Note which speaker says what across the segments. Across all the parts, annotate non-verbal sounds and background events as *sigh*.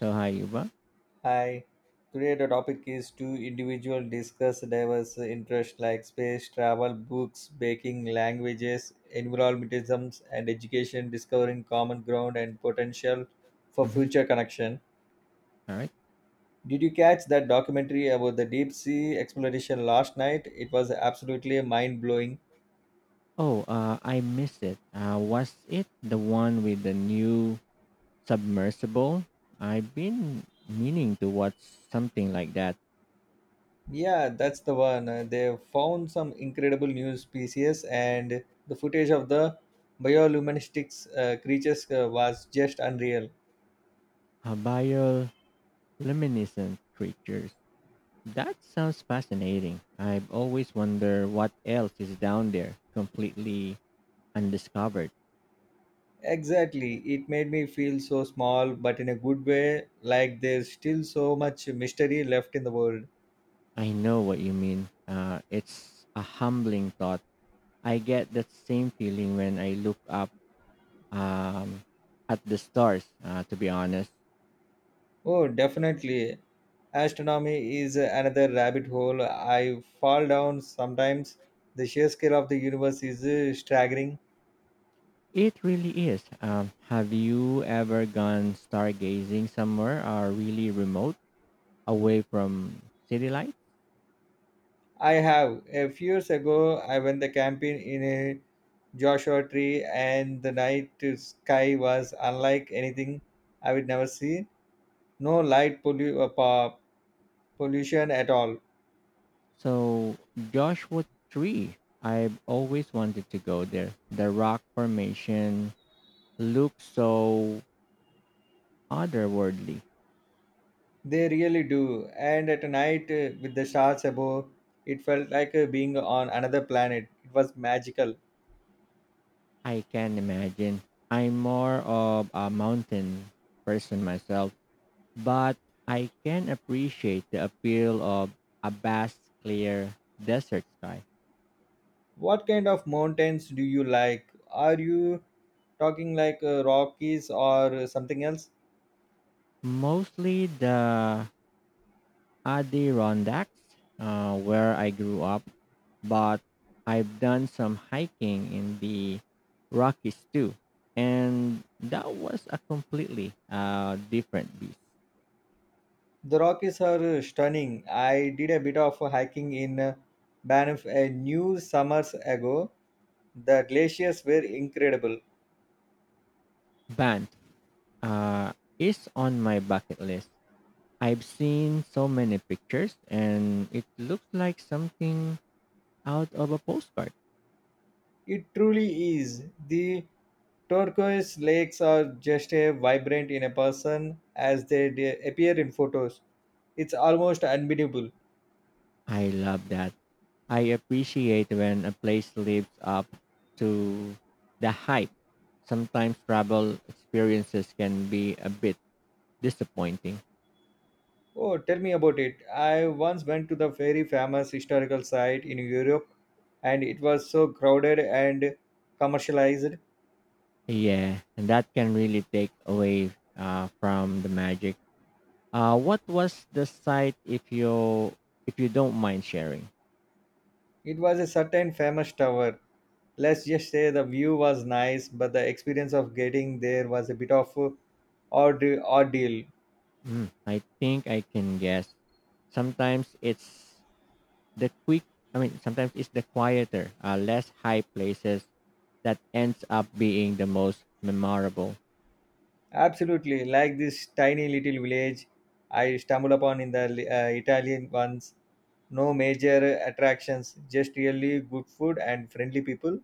Speaker 1: So hi, Yuba.
Speaker 2: Hi. Today the topic is two individual discuss diverse interests like space travel, books, baking, languages, environmentalisms, and education, discovering common ground and potential for
Speaker 1: Mhm.
Speaker 2: future connection.
Speaker 1: All right.
Speaker 2: Did you catch that documentary about the deep sea exploration last night? It was absolutely mind blowing.
Speaker 1: Oh, I missed it. Was it the one with the new submersible? I've been meaning to watch something like that.
Speaker 2: Yeah, that's the one. They found some incredible new species, and the footage of the bioluminescent creatures was just unreal.
Speaker 1: Uh, Bioluminescent creatures. That sounds fascinating. I've always wondered what else is down there, completely undiscovered.
Speaker 2: Exactly. It made me feel so small, but in a good way, like there's still so much mystery left in the world.
Speaker 1: I know what you mean. It's a humbling thought. I get that same feeling when I look up um, at the stars, to be honest.
Speaker 2: Oh, definitely. Astronomy is another rabbit hole I fall down sometimes. The sheer scale of the universe is staggering.
Speaker 1: It really is. Have you ever gone stargazing somewhere or really remote away from city lights?
Speaker 2: I have. A few years ago, I went the camping in a Joshua tree, and the night sky was unlike anything I would never see. No pollution at all.
Speaker 1: So, Joshua Tree, I've always wanted to go there. The rock formation looks so otherworldly.
Speaker 2: They really do. And at night, with the stars above, it felt like being on another planet. It was magical.
Speaker 1: I can imagine. I'm more of a mountain person myself but I can appreciate the appeal of a vast, clear desert sky.
Speaker 2: What kind of mountains do you like? Are you talking like Rockies or something else?
Speaker 1: Mostly the Adirondacks, where I grew up, but I've done some hiking in the Rockies too, and that was a completely different beast.
Speaker 2: The Rockies are stunning. I did a bit of hiking in Banff a new summers ago. The glaciers were incredible.
Speaker 1: Band uh, is on my bucket list. I've seen so many pictures, and it looks like something out of a postcard.
Speaker 2: It truly is. The turquoise lakes are just as vibrant in a person as they appear in photos. It's almost unbeatable.
Speaker 1: I love that. I appreciate when a place lives up to the hype. Sometimes travel experiences can be a bit disappointing.
Speaker 2: Oh, tell me about it. I once went to the very famous historical site in Europe and it was so crowded and commercialized.
Speaker 1: Yeah, and that can really take away from the magic. What was the site if you don't mind sharing?
Speaker 2: It was a certain famous tower. Let's just say the view was nice, but the experience of getting there was a bit of a odd ordeal.
Speaker 1: Mm, I think I can guess. Sometimes it's the quick. Sometimes it's the quieter, less high places that ends up being the most memorable?
Speaker 2: Absolutely, like this tiny little village I stumbled upon in the Italian ones. No major attractions, just really good food and friendly people.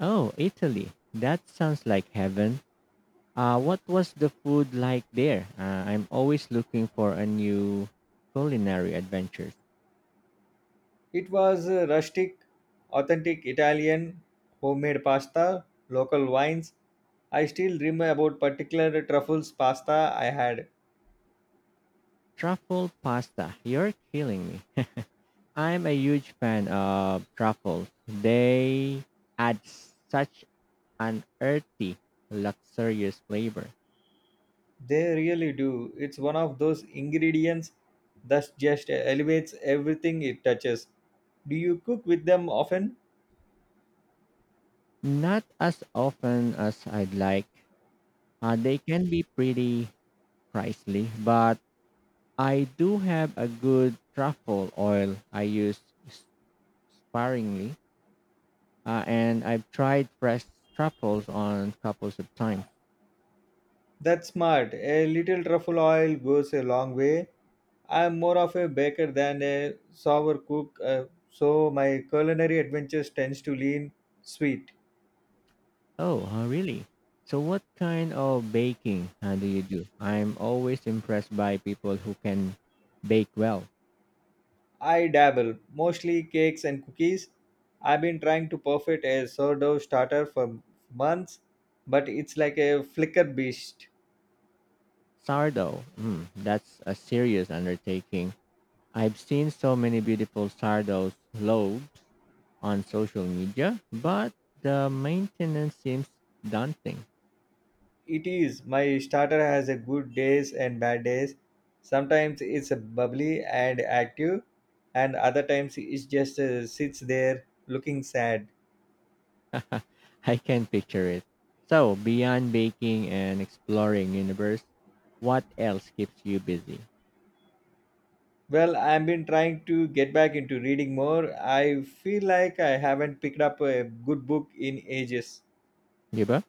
Speaker 1: Oh, Italy. That sounds like heaven. What was the food like there? I'm always looking for a new culinary adventure.
Speaker 2: It was rustic, authentic Italian, homemade pasta, local wines. I still dream about particular truffles pasta I had.
Speaker 1: Truffle pasta. You're killing me. I'm a huge fan of truffles. They add such an earthy, luxurious flavor.
Speaker 2: They really do. It's one of those ingredients that just elevates everything it touches. Do you cook with them often?
Speaker 1: Not as often as I'd like. They can be pretty pricey, but I do have a good truffle oil I use s- sparingly, and I've tried fresh truffles on couples of times.
Speaker 2: That's smart. A little truffle oil goes a long way. I'm more of a baker than a sour cook, so my culinary adventures tends to lean sweet.
Speaker 1: Oh, really? So, what kind of baking do you do? I'm always impressed by people who can bake well.
Speaker 2: I dabble, mostly cakes and cookies. I've been trying to perfect a sourdough starter for months, but it's like a flicker beast.
Speaker 1: Sourdough, mm, that's a serious undertaking. I've seen so many beautiful sourdough loaves on social media, but the maintenance seems daunting.
Speaker 2: It is. My starter has a good days and bad days. Sometimes it's bubbly and active, and other times it just sits there looking sad.
Speaker 1: I can picture it. So, beyond baking and exploring universe, what else keeps you busy?
Speaker 2: Well, I've been trying to get back into reading more. I feel like I haven't picked up a good book in ages.
Speaker 1: Yuba?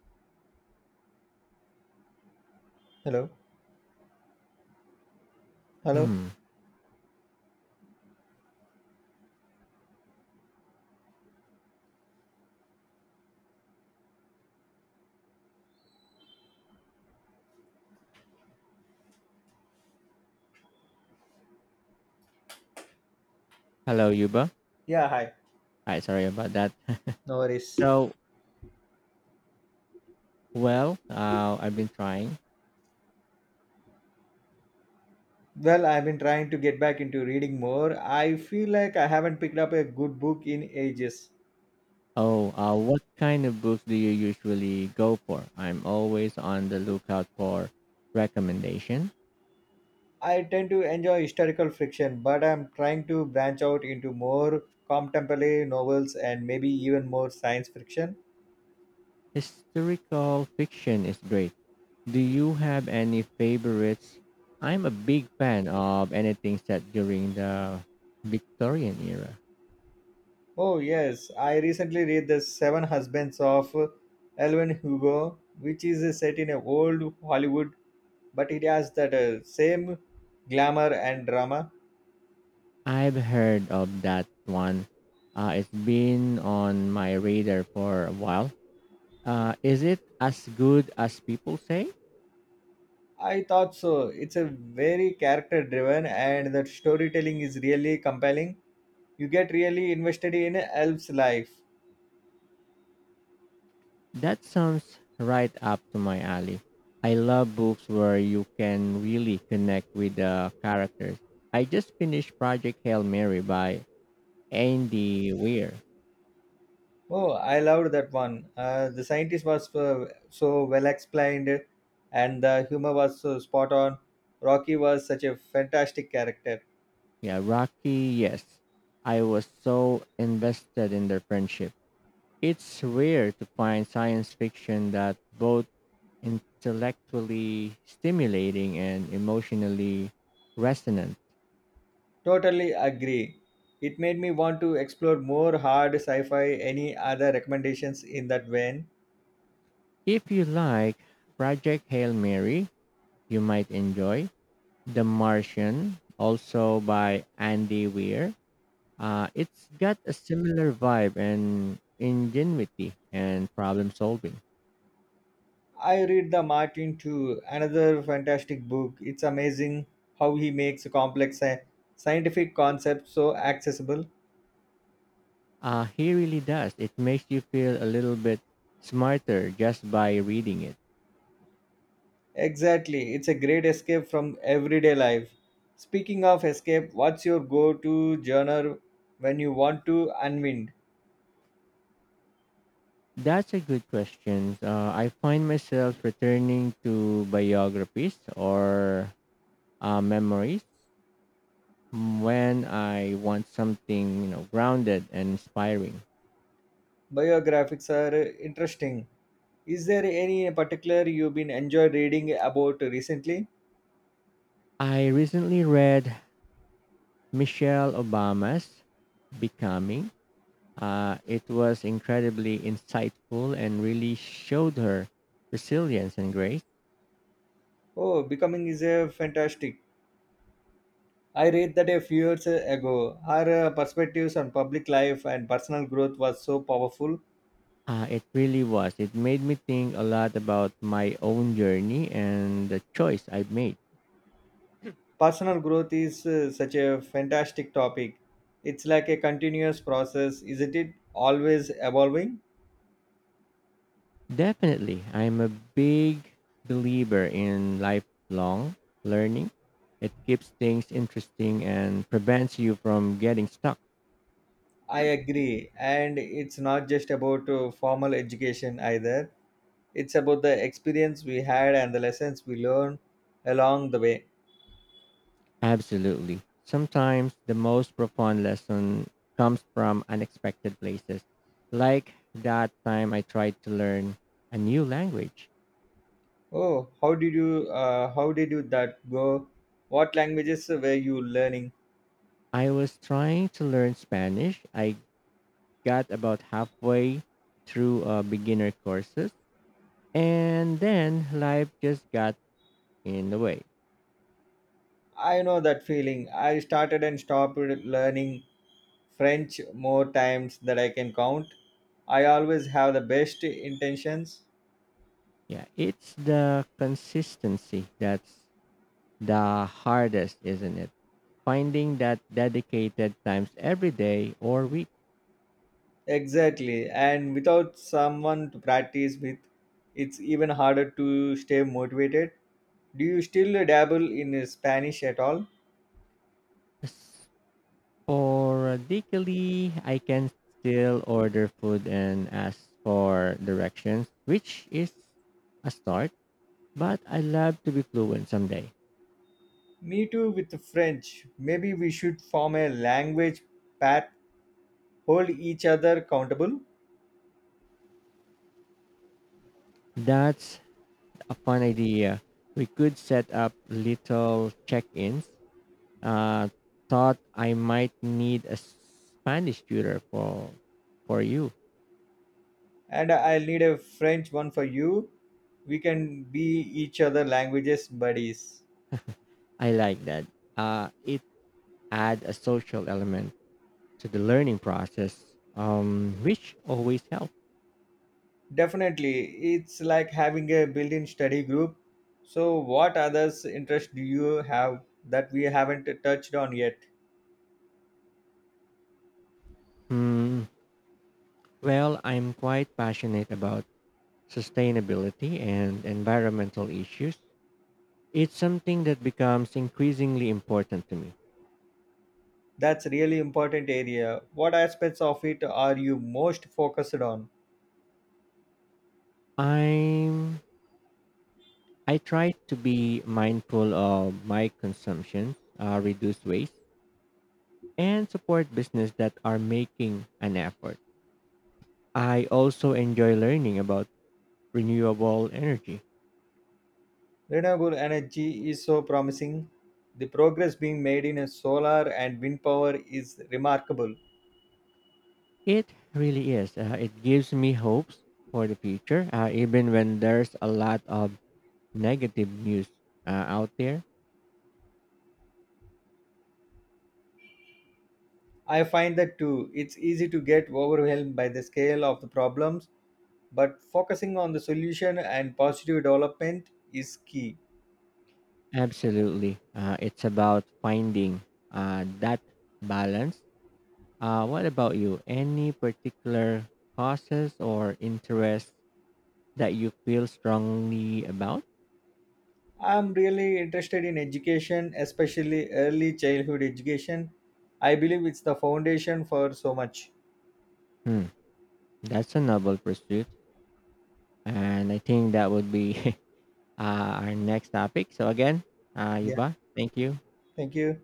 Speaker 2: Hello? Hello?
Speaker 1: Hmm. Hello, Yuba.
Speaker 2: Yeah, hi.
Speaker 1: Hi, sorry about that.
Speaker 2: No
Speaker 1: *laughs*
Speaker 2: worries.
Speaker 1: So, well, I've been trying.
Speaker 2: Well, I've been trying to get back into reading more. I feel like I haven't picked up a good book in ages.
Speaker 1: Oh, what kind of books do you usually go for? I'm always on the lookout for recommendation.
Speaker 2: I tend to enjoy historical fiction, but I'm trying to branch out into more contemporary novels and maybe even more science fiction.
Speaker 1: Historical fiction is great. Do you have any favorites? I'm a big fan of anything set during the Victorian era.
Speaker 2: Oh, yes, I recently read The Seven Husbands of Elwin Hugo, which is set in a old Hollywood, but it has that same glamour and drama.
Speaker 1: I've heard of that one. It's been on my radar for a while. Is it as good as people say?
Speaker 2: I thought so. It's a very character driven, and the storytelling is really compelling. You get really invested in Elf's life.
Speaker 1: That sounds right up to my alley. I love books where you can really connect with the characters. I just finished Project Hail Mary by Andy Weir.
Speaker 2: Oh, I loved that one. The scientist was so well explained, and the humor was so spot on. Rocky was such a fantastic character.
Speaker 1: Yeah, Rocky, yes. I was so invested in their friendship. It's rare to find science fiction that both intellectually stimulating and emotionally resonant.
Speaker 2: Totally agree. It made me want to explore more hard sci-fi. Any other recommendations in that vein?
Speaker 1: If you like Project Hail Mary, you might enjoy The Martian, also by Andy Weir. It's got a similar vibe and ingenuity and problem solving.
Speaker 2: I read the Martin too. Another fantastic book. It's amazing how he makes complex scientific concepts so accessible.
Speaker 1: He really does. It makes you feel a little bit smarter just by reading it.
Speaker 2: Exactly. It's a great escape from everyday life. Speaking of escape, what's your go to genre when you want to unwind?
Speaker 1: That's a good question. I find myself returning to biographies or memories when I want something, you know, grounded and inspiring.
Speaker 2: Biographics are interesting. Is there any particular you've been enjoyed reading about recently?
Speaker 1: I recently read Michelle Obama's Becoming. It was incredibly insightful and really showed her resilience and grace.
Speaker 2: Oh, Becoming is a fantastic. I read that a few years ago. Her perspectives on public life and personal growth was so powerful.
Speaker 1: It really was. It made me think a lot about my own journey and the choice I've made.
Speaker 2: Personal growth is such a fantastic topic. It's like a continuous process, isn't it? Always evolving.
Speaker 1: Definitely, I'm a big believer in lifelong learning. It keeps things interesting and prevents you from getting stuck.
Speaker 2: I agree. And it's not just about formal education either, it's about the experience we had and the lessons we learned along the way.
Speaker 1: Absolutely. Sometimes the most profound lesson comes from unexpected places, like that time I tried to learn a new language.
Speaker 2: Oh, how did you that go? What languages were you learning?
Speaker 1: I was trying to learn Spanish. I got about halfway through beginner courses and then life just got in the way.
Speaker 2: I know that feeling. I started and stopped learning French more times that I can count. I always have the best intentions.
Speaker 1: Yeah, it's the consistency that's the hardest, isn't it? Finding that dedicated times every day or week.
Speaker 2: Exactly. And without someone to practice with, it's even harder to stay motivated. Do you still dabble in Spanish at all?
Speaker 1: Sporadically, I can still order food and ask for directions, which is a start, but I love to be fluent someday.
Speaker 2: Me too with the French. Maybe we should form a language pact, hold each other accountable.
Speaker 1: That's a fun idea. We could set up little check-ins. Uh, thought I might need a Spanish tutor for you.
Speaker 2: And I'll need a French one for you. We can be each other languages buddies.
Speaker 1: I like that. It add a social element to the learning process, which always helps.
Speaker 2: Definitely, it's like having a built-in study group. So, what others interest do you have that we haven't touched on yet?
Speaker 1: Hmm. Well, I'm quite passionate about sustainability and environmental issues. It's something that becomes increasingly important to me.
Speaker 2: That's really important area. What aspects of it are you most focused on?
Speaker 1: I'm I try to be mindful of my consumption, reduce waste, and support business that are making an effort. I also enjoy learning about renewable energy.
Speaker 2: Renewable energy is so promising. The progress being made in solar and wind power is remarkable.
Speaker 1: It really is. It gives me hopes for the future, even when there's a lot of negative news out there.
Speaker 2: I find that too. It's easy to get overwhelmed by the scale of the problems, but focusing on the solution and positive development is key.
Speaker 1: Absolutely. It's about finding that balance. What about you? Any particular causes or interests that you feel strongly about?
Speaker 2: I'm really interested in education, especially early childhood education. I believe it's the foundation for so much.
Speaker 1: Hmm, that's a noble pursuit. And I think that would be *laughs* our next topic. So, again,
Speaker 2: Yeah,
Speaker 1: Yuba, thank you.
Speaker 2: thank you.